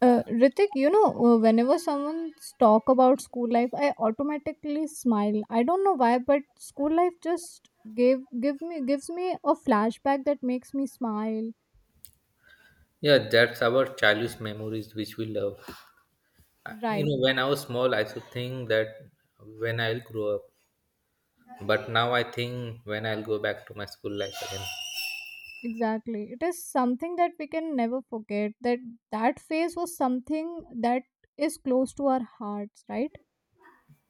Ritik, whenever someone talk about school life, I automatically smile. I don't know why, but school life just gave give me gives me a flashback that makes me smile. Yeah, that's our childish memories which we love. I- You Right, know, when I was small, I used to think that when I'll grow up, but now I think when I'll go back to my school life again. exactly. It is something that we can never forget. That phase was something that is close to our hearts. Right,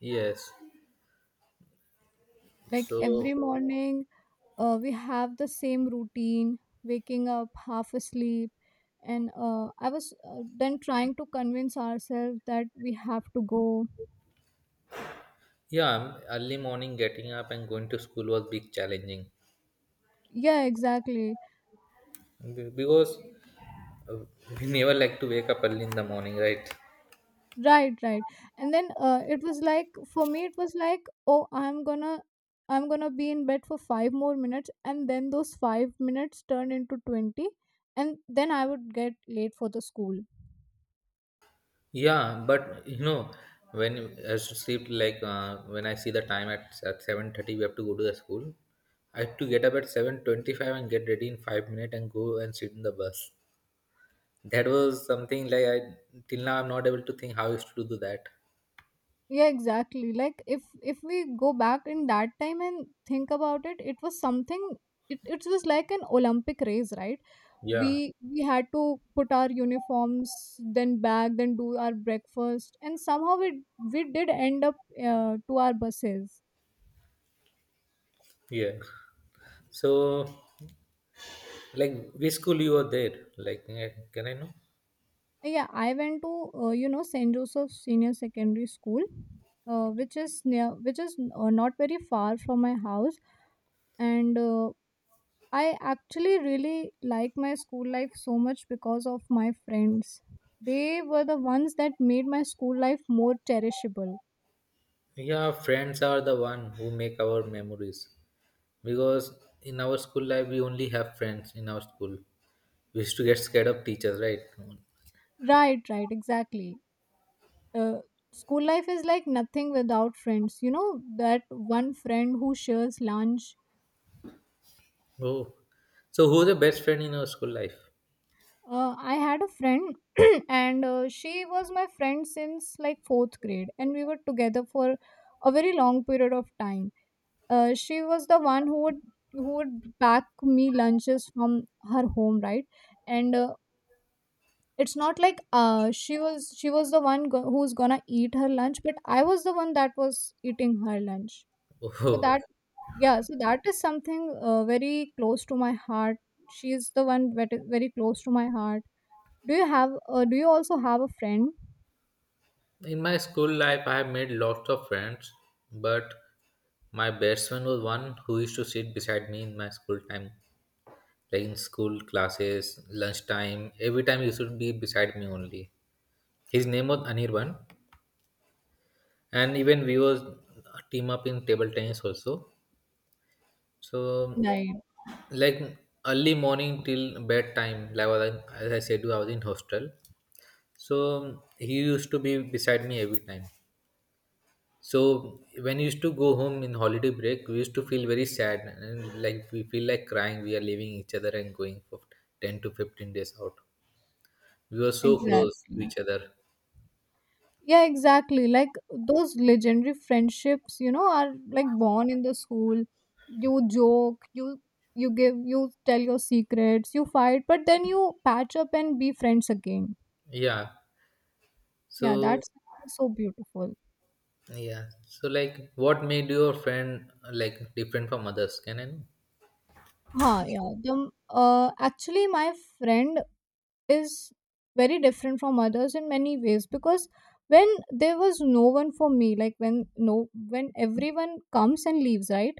Yes. like So, every morning we have the same routine waking up half asleep, and I was then trying to convince ourselves that we have to go. yeah, early morning getting up and going to school was big challenging Yeah, exactly. Because uh, we never like to wake up early in the morning, right? Right, right. And then it was like, for me, it was like, oh, I'm gonna be in bed for 5 more minutes, and then those 5 minutes turned into 20. And then I would get late for the school. Yeah, but you know, when you- as to sleep, like when I see the time at 7:30, we have to go to the school. I had to get up at 7:25 and get ready in 5 minutes and go and sit in the bus. That was something like I till now I'm not able to think how I used to do that. Yeah, exactly. Like if we go back in that time and think about it, it was something. It was like an Olympic race, right? Yeah, We had to put our uniforms, then back then do our breakfast, and somehow we did end up to our buses. yeah. So, like, which school you were there? Like, eh, can I know? Yeah, I went to St. Joseph Senior Secondary School, which is near, which is not very far from my house. And I actually really like my school life so much because of my friends. They were the ones that made my school life more cherishable. Yeah, friends are the one who make our memories. Because in our school life, we only have friends in our school. We used to get scared of teachers, right? Right, right, exactly. Uh, School life is like nothing without friends. That one friend who shares lunch. Oh, so who's the best friend in your school life? I had a friend, and she was my friend since like fourth grade, and we were together for a very long period of time. She was the one who would pack me lunches from her home, right? And it's not like she was the one who's gonna eat her lunch, but I was the one that was eating her lunch. So that Oh, Yeah, so that is something very close to my heart. She's the one very, very close to my heart. Do you also have a friend? in my school life, I have made lots of friends, but my best friend was one who used to sit beside me in my school time, like in school classes, lunchtime. Every time he used to be beside me only. His name was Anirban. And even we was team up in table tennis also. So Right, like early morning till bedtime, like what I- as I said I was in hostel, so he used to be beside me every time. So when we used to go home in holiday break, we used to feel very sad and like we feel like crying, we are leaving each other and going for 10 to 15 days out. We were so close to exactly. each other. Yeah, exactly. Like those legendary friendships are like born in the school. You joke, you give, you tell your secrets, you fight, but then you patch up and be friends again. Yeah, Yeah, so that's something so beautiful. yeah, so like what made your friend like different from others, can I know? Huh, yeah. Actually, my friend is very different from others in many ways because when there was no one for me, like when no when everyone comes and leaves, right?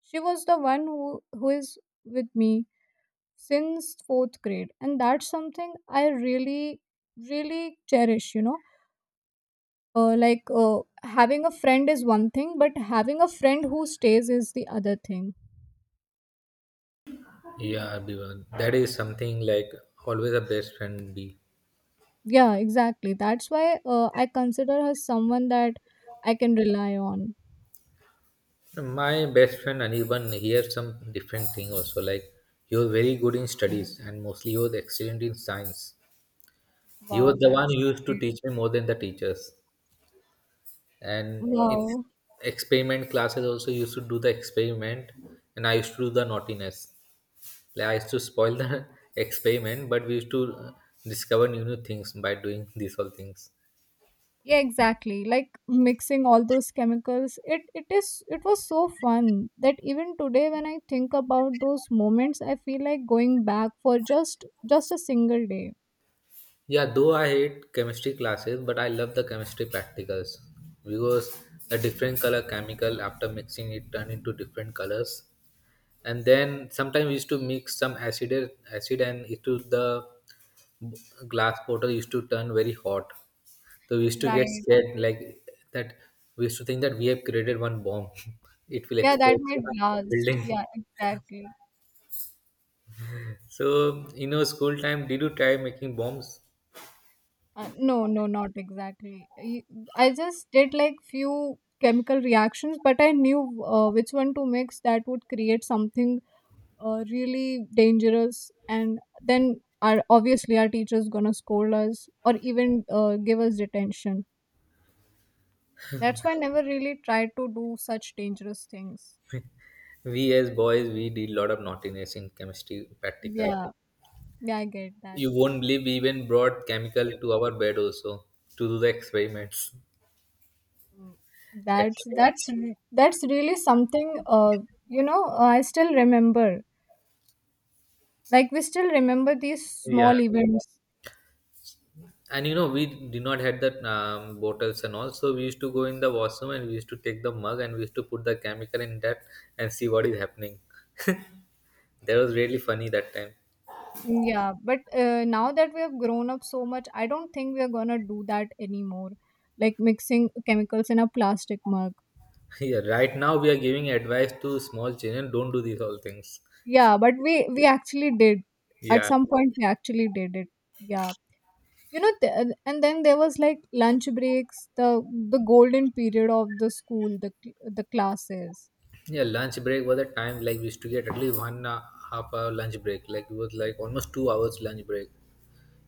She was the one who is with me since fourth grade, and that's something I really cherish. Like having a friend is one thing, but having a friend who stays is the other thing. Yeah, Abhiman, that is something like always a best friend be. Yeah, exactly. That's why I consider her someone that I can rely on. My best friend Anirban, he has some different thing also. Like he was very good in studies and mostly he was excellent in science. He was Wow, the one that's who used to great. teach me more than the teachers. And in Wow. experiment classes also he used to do the experiment and I used to do the naughtiness. Like I used to spoil the experiment, but we used to discover new things by doing these all things. Yeah, exactly. Like mixing all those chemicals, it was so fun that even today, when I think about those moments, I feel like going back for just a single day. Yeah, though I hate chemistry classes, but I love the chemistry practicals because a different color chemical after mixing it turn into different colors. And then sometimes we used to mix some acid and it to the glass bottle used to turn very hot. So we used to get Right. scared like that we used to think that we have created one bomb. It will Yeah, that explode might in our last. Yeah, building. exactly. So you know, school time did you try making bombs? No, no, not exactly. I just did like few chemical reactions, but I knew which one to mix that would create something really dangerous, and then our obviously our teachers gonna scold us or even give us detention. That's why I never really tried to do such dangerous things. We as boys, we did lot of naughtiness in chemistry practical. Yeah, yeah, I get that. You won't believe we even brought chemical to our bed also to do the experiments. Mm. At that's night. that's re- that's really something. I still remember, like, we still remember these Yeah, small events. and you know we did not had that bottles and all, so we used to go in the washroom and we used to take the mug and we used to put the chemical in that and see what is happening. That was really funny that time. Mm, yeah, but now that we have grown up so much, I don't think we are gonna do that anymore, like mixing chemicals in a plastic mug. Yeah, right now we are giving advice to small children, don't do these all things. Yeah, but we actually did. At Yeah. some point, we actually did it. Yeah, and then there was like lunch breaks, the golden period of the school, the classes. Yeah, lunch break was a time like we used to get at least one half hour lunch break. Like it was like almost 2 hours lunch break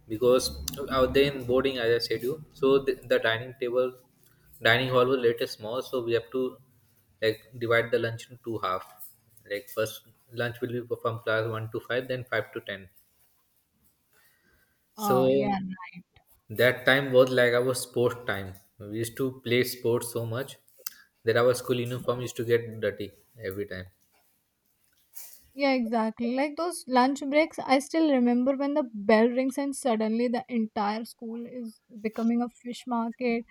because I was then boarding as I said you. So the dining table, dining hall was little small. So we have to like divide the lunch into two half. Like first lunch will be from class one to five, then five to ten. So Ah, yeah, that time was like our sport time. We used to play sports so much that our school uniform used to get dirty every time. yeah, exactly. Like those lunch breaks, I still remember when the bell rings and suddenly the entire school is becoming a fish market.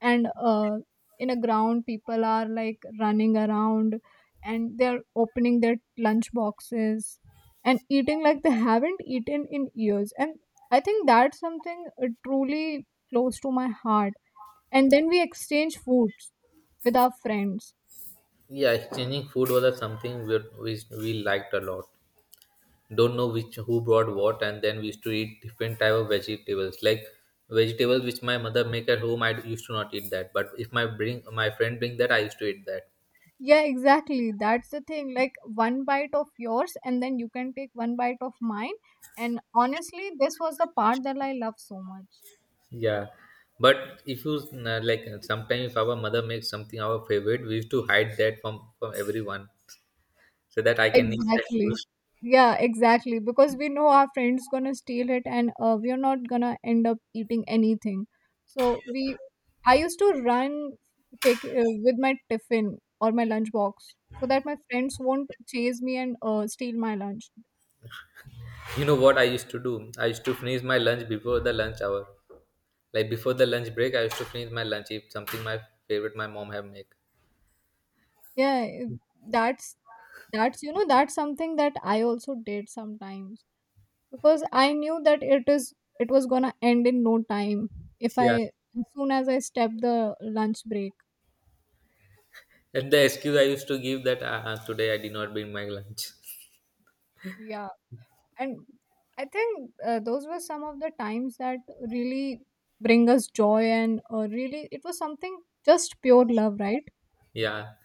And in a ground, people are like running around, and they're opening their lunch boxes and eating like they haven't eaten in years. And I think that's something truly close to my heart. And then we exchange foods with our friends. Yeah, exchanging food was a something we liked a lot. Don't know which who brought what, and then we used to eat different type of vegetables. Like vegetables which my mother make at home, I used to not eat that. But if my bring my friend bring that, I used to eat that. Yeah, exactly. That's the thing, like, one bite of yours and then you can take one bite of mine. And honestly, this was the part that I love so much. Yeah, but if you like sometimes if our mother makes something our favorite, we used to hide that from everyone so that I can eat that food. Exactly. Yeah, exactly. Because we know our friend's gonna steal it, and we are not gonna end up eating anything. So I used to run take with my tiffin or my lunchbox so that my friends won't chase me and steal my lunch. You know what I used to do? I used to finish my lunch before the lunch hour. Like before the lunch break, I used to finish my lunch, eat something my favorite my mom have make. Yeah, it- that's that's you know that's something that I also did sometimes because I knew that it was gonna end in no time if Yeah, I as soon as I stepped the lunch break. and the excuse I used to give that today I did not bring my lunch. Yeah. And I think those were some of the times that really bring us joy. And really, it was something just pure love, right? Yeah.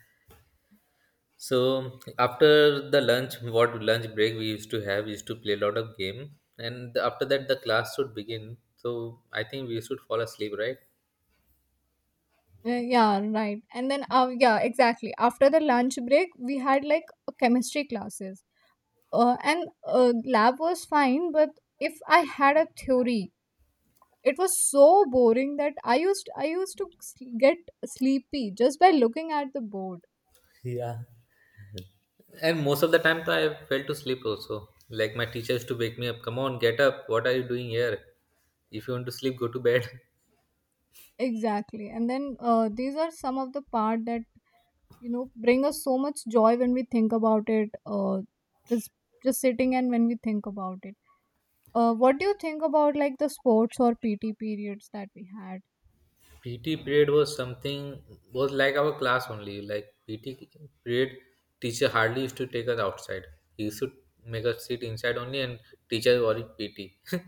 So after the lunch, what lunch break we used to have, we used to play a lot of game, and after that the class should begin. So I think we should fall asleep, right? Yeah, right. And then yeah, exactly, after the lunch break we had like a chemistry classes. And lab was fine, but if I had a theory, it was so boring that I used to get sleepy just by looking at the board. Yeah. And most of the time, I fell to sleep also. Like my teachers to wake me up. Come on, get up. What are you doing here? If you want to sleep, go to bed. Exactly. And then these are some of the part that bring us so much joy when we think about it, just sitting. And when we think about it, what do you think about like the sports or PT periods that we had? PT period was something was like our class only. Like PT period, teacher hardly used to take us outside. He used to make us sit inside only, and teacher worried PT.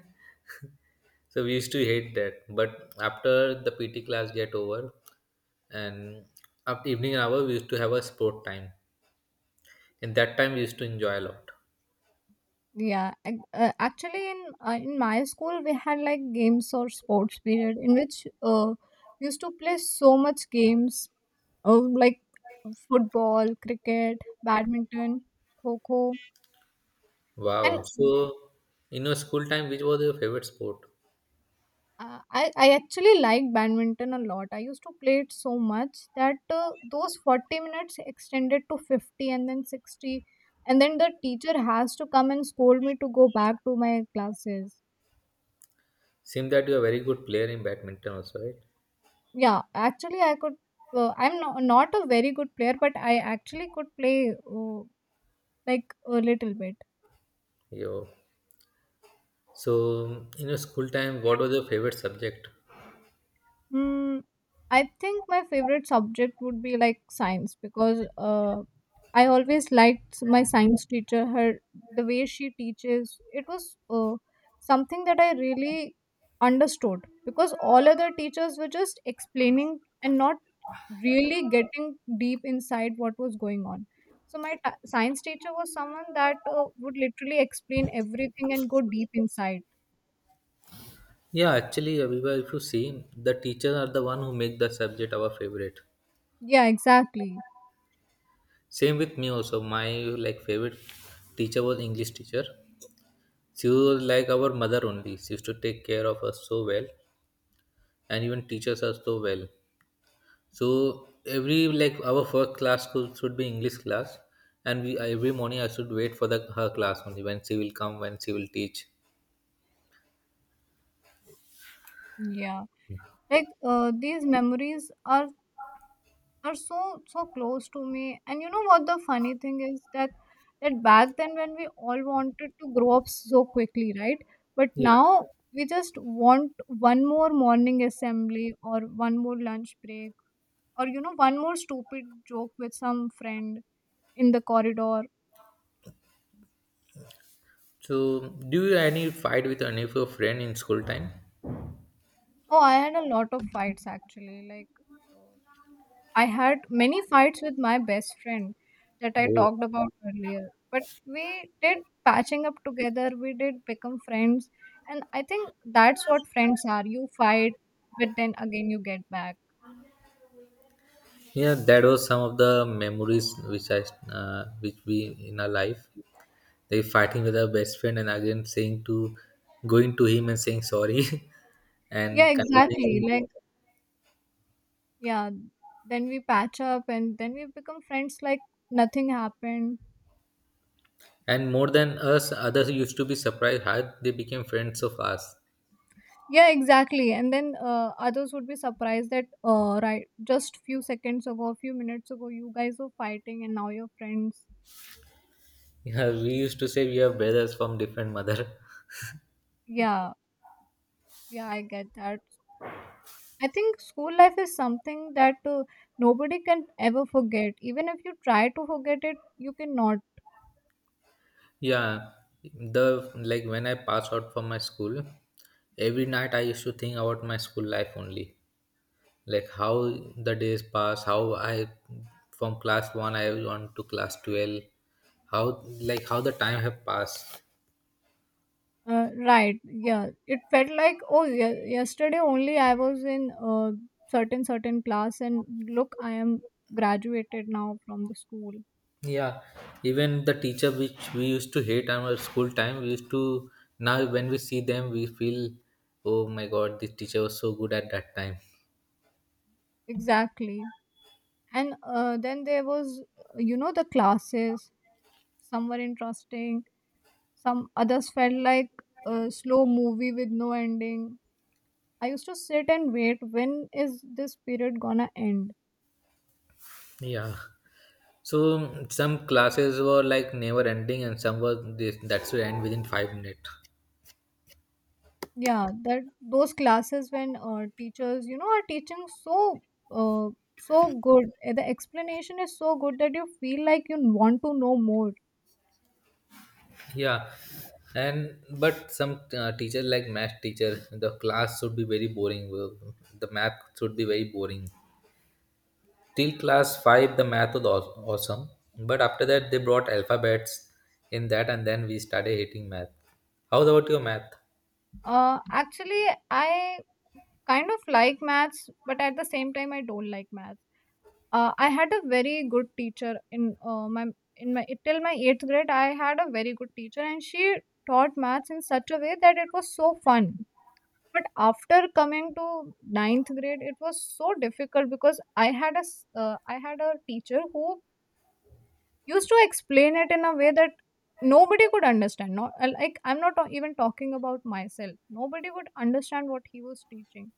So we used to hate that. But after the PT class get over, and after evening hour, we used to have a sport time. And that time we used to enjoy a lot. Yeah, actually in my school we had like games or sports period in which we used to play so much games, like football, cricket, badminton, kho kho, Wow. and So in your school time, which was your favorite sport? I actually like badminton a lot. I used to play it so much that those 40 minutes extended to 50 and then 60. And then the teacher has to come and scold me to go back to my classes. Seems that you are a very good player in badminton also, right? Yeah, actually, I could. I'm not a very good player, but I actually could play like a little bit. Yo. So, in your school time, what was your favorite subject? Hmm. I think my favorite subject would be like science because I always liked my science teacher. Her The way she teaches it was something that I really understood because all other teachers were just explaining and not really getting deep inside what was going on. So my science teacher was someone that would literally explain everything and go deep inside. Yeah, actually, Aviva, if you see, the teachers are the one who make the subject our favorite. Yeah, exactly. Same with me also. My like favorite teacher was English teacher. She was like our mother only. She used to take care of us so well, and even teaches us so well. So every like our first class should be English class, and we every morning I should wait for the her class only when she will come when she will teach. Yeah. Like, these memories are so close to me. And you know what the funny thing is? That back then, when we all wanted to grow up so quickly, right? But Yeah, now we just want one more morning assembly or one more lunch break or one more stupid joke with some friend in the corridor. so, do you any fight with any of your friend in school time? Oh, I had a lot of fights, actually. Like uh, I had many fights with my best friend that I Oh, talked about earlier. But we did patching up together, we did become friends. And I think that's what friends are. You fight, but then again you get back. yeah, that was some of the memories which I which we in our life. They fighting with our best friend and again saying to going to him and saying sorry Yeah, and convincing him. exactly. Like, yeah, then we patch up and then we become friends like nothing happened. And more than us, others used to be surprised how they became friends of us. Yeah, exactly. And then others would be surprised that, right, just few seconds ago, a few minutes ago, you guys were fighting, and now you're friends. Yeah, we used to say we are brothers from different mother. Yeah. Yeah, I get that. I think school life is something that nobody can ever forget. Even if you try to forget it, you cannot. Yeah, the like when I pass out from my school, every night I used to think about my school life only, like how the days pass, how I from class one I went to class 12, how like how the time have passed. Right. Yeah. It felt like, oh, yeah, yesterday only I was in certain class, and look, I am graduated now from the school. Yeah, even the teacher which we used to hate on our school time, we used to now when we see them we feel, oh my god, this teacher was so good at that time. Exactly. And then there was, the classes. Some were interesting, some others felt like a slow movie with no ending. I used to sit and wait, when is this period gonna end? Yeah. So some classes were like never ending, and some were this that should end within 5 minutes. Yeah, that those classes when teachers are teaching so uh, so good. The explanation is so good that you feel like you want to know more. Yeah, and but some teacher like math teacher, the class should be very boring. The math should be very boring. Till class five, the math was awesome, but after that they brought alphabets in that, and then we started hating math. How about your math? Actually, I kind of like maths, but at the same time, I don't like maths. I had a very good teacher in my in my till my eighth grade. I had a very good teacher, and she taught maths in such a way that it was so fun. But after coming to ninth grade, it was so difficult because I had a teacher who used to explain it in a way that nobody could understand. Not like I'm not even talking about myself. Nobody would understand what he was teaching.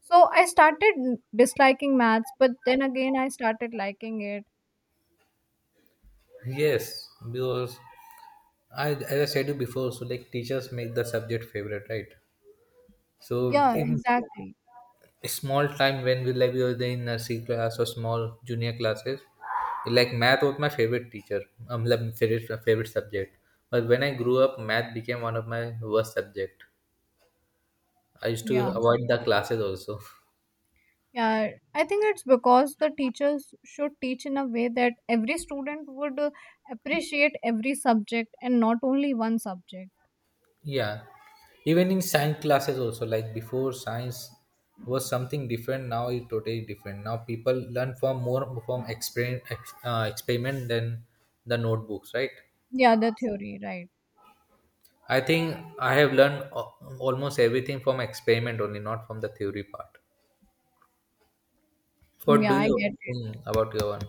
So I started disliking maths, but then again I started liking it. Yes, because I as I said you before, so like teachers make the subject favorite, right? So Yeah, if exactly. small time when we like we were in nursery class or small junior classes, like math was my favorite teacher, like favorite subject, but when I grew up math became one of my worst subject. I used to Yeah. avoid the classes also. Yeah, I think it's because the teachers should teach in a way that every student would appreciate every subject and not only one subject. Yeah, even in science classes also, like before science was something different, now it's totally different, now people learn from more from experiment, experiment than the notebooks, right? Yeah, the theory, right. I think I have learned almost everything from experiment only, not from the theory part. Mm, What yeah, do I you get it. think about your one?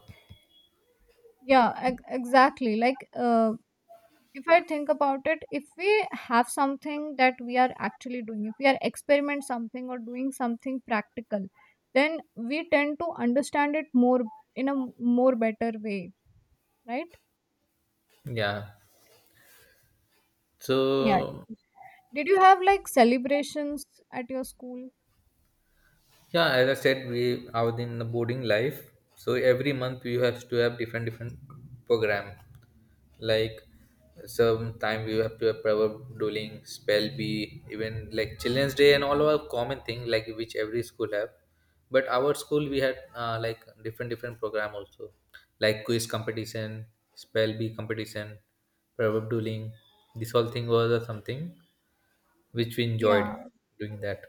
Yeah, exactly. Like, if I think about it, if we have something that we are actually doing, if we are experiment something or doing something practical, then we tend to understand it more in a more better way, right? Yeah. Yeah. So Did you have like celebrations at your school? yeah, as I said, we are in the boarding life. So every month you have to have different program. Like sometime we have to have power dueling, spell bee, even like children's day and all are common thing like which every school have, but our school we had like different program also, like quiz competition, spell bee competition, proverb dueling. This whole thing was something which we Yeah, enjoyed doing that.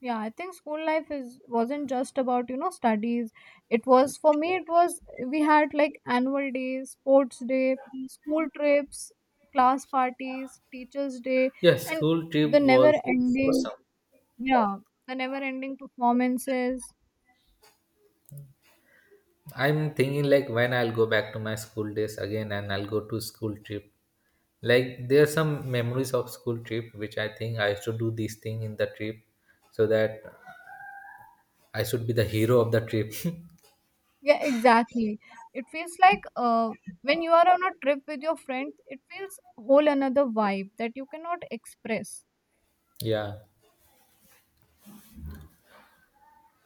yeah. I think school life is wasn't just about studies. It was for me it was We had like annual days, sports day, school trips, class parties, teachers day, Yes, and school the trip never was ending awesome. yeah, the never ending performances. I'm thinking like when I'll go back to my school days again and I'll go to school trip, like there are some memories of school trip which I think I should do this thing in the trip so that I should be the hero of the trip. Yeah, exactly. It feels like when you are on a trip with your friends, it feels whole another vibe that you cannot express. Yeah,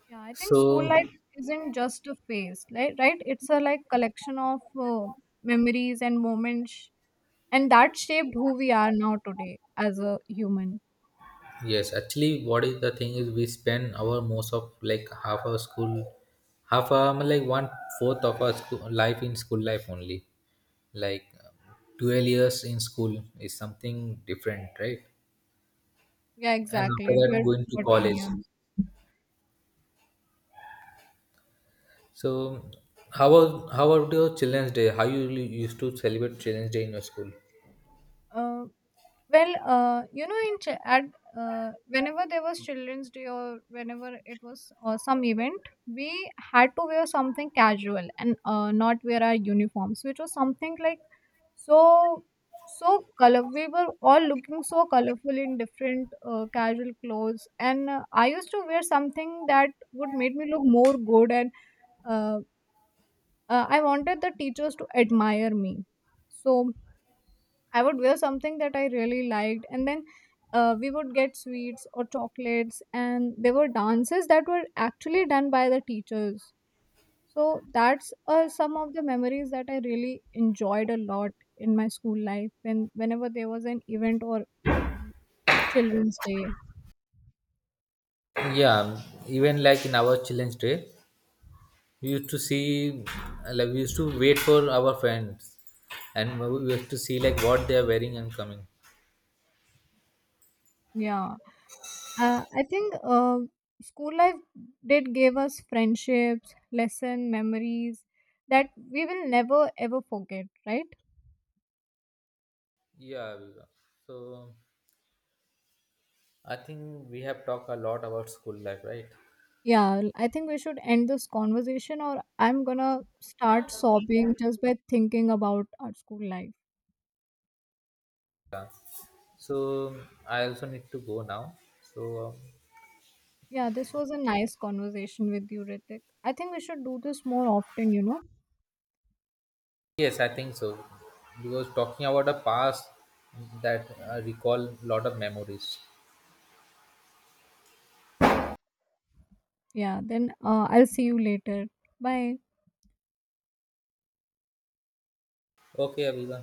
Yeah, I think school so life isn't just a phase, like, right? It's a like collection of memories and moments, and that shaped who we are now today as a human. yes, actually what is the thing is we spend our most of like half our school, half our like one fourth of our school life in school life only, like 12 years in school is something different, right? Yeah, And after exactly. that 12 to going to 14 college. years. So, how was how about your Children's Day? How you really used to celebrate Children's Day in your school? Uh, Well, in ch- at whenever there was Children's Day or whenever it was some event, we had to wear something casual and not wear our uniforms, which was something like so color. We were all looking so colorful in different casual clothes, and I used to wear something that would make me look more good, and uh, I wanted the teachers to admire me. So I would wear something that I really liked, and then we would get sweets or chocolates, and there were dances that were actually done by the teachers. So that's some of the memories that I really enjoyed a lot in my school life, whenever there was an event or Children's Day. Yeah, even like in our Children's Day, we used to see like we used to wait for our friends, and we used to see like what they are wearing and coming. Yeah, I think school life did give us friendships, lesson memories that we will never ever forget, right? Yeah, we so I think we have talked a lot about school life, right? Yeah, I think we should end this conversation, or I'm gonna start sobbing just by thinking about our school life. So I also need to go now. So Yeah, this was a nice conversation with you, Ritik. I think we should do this more often, you know? yes, I think so because talking about the past that I recall a lot of memories. Yeah, then I'll see you later. Bye. Okay अभिवा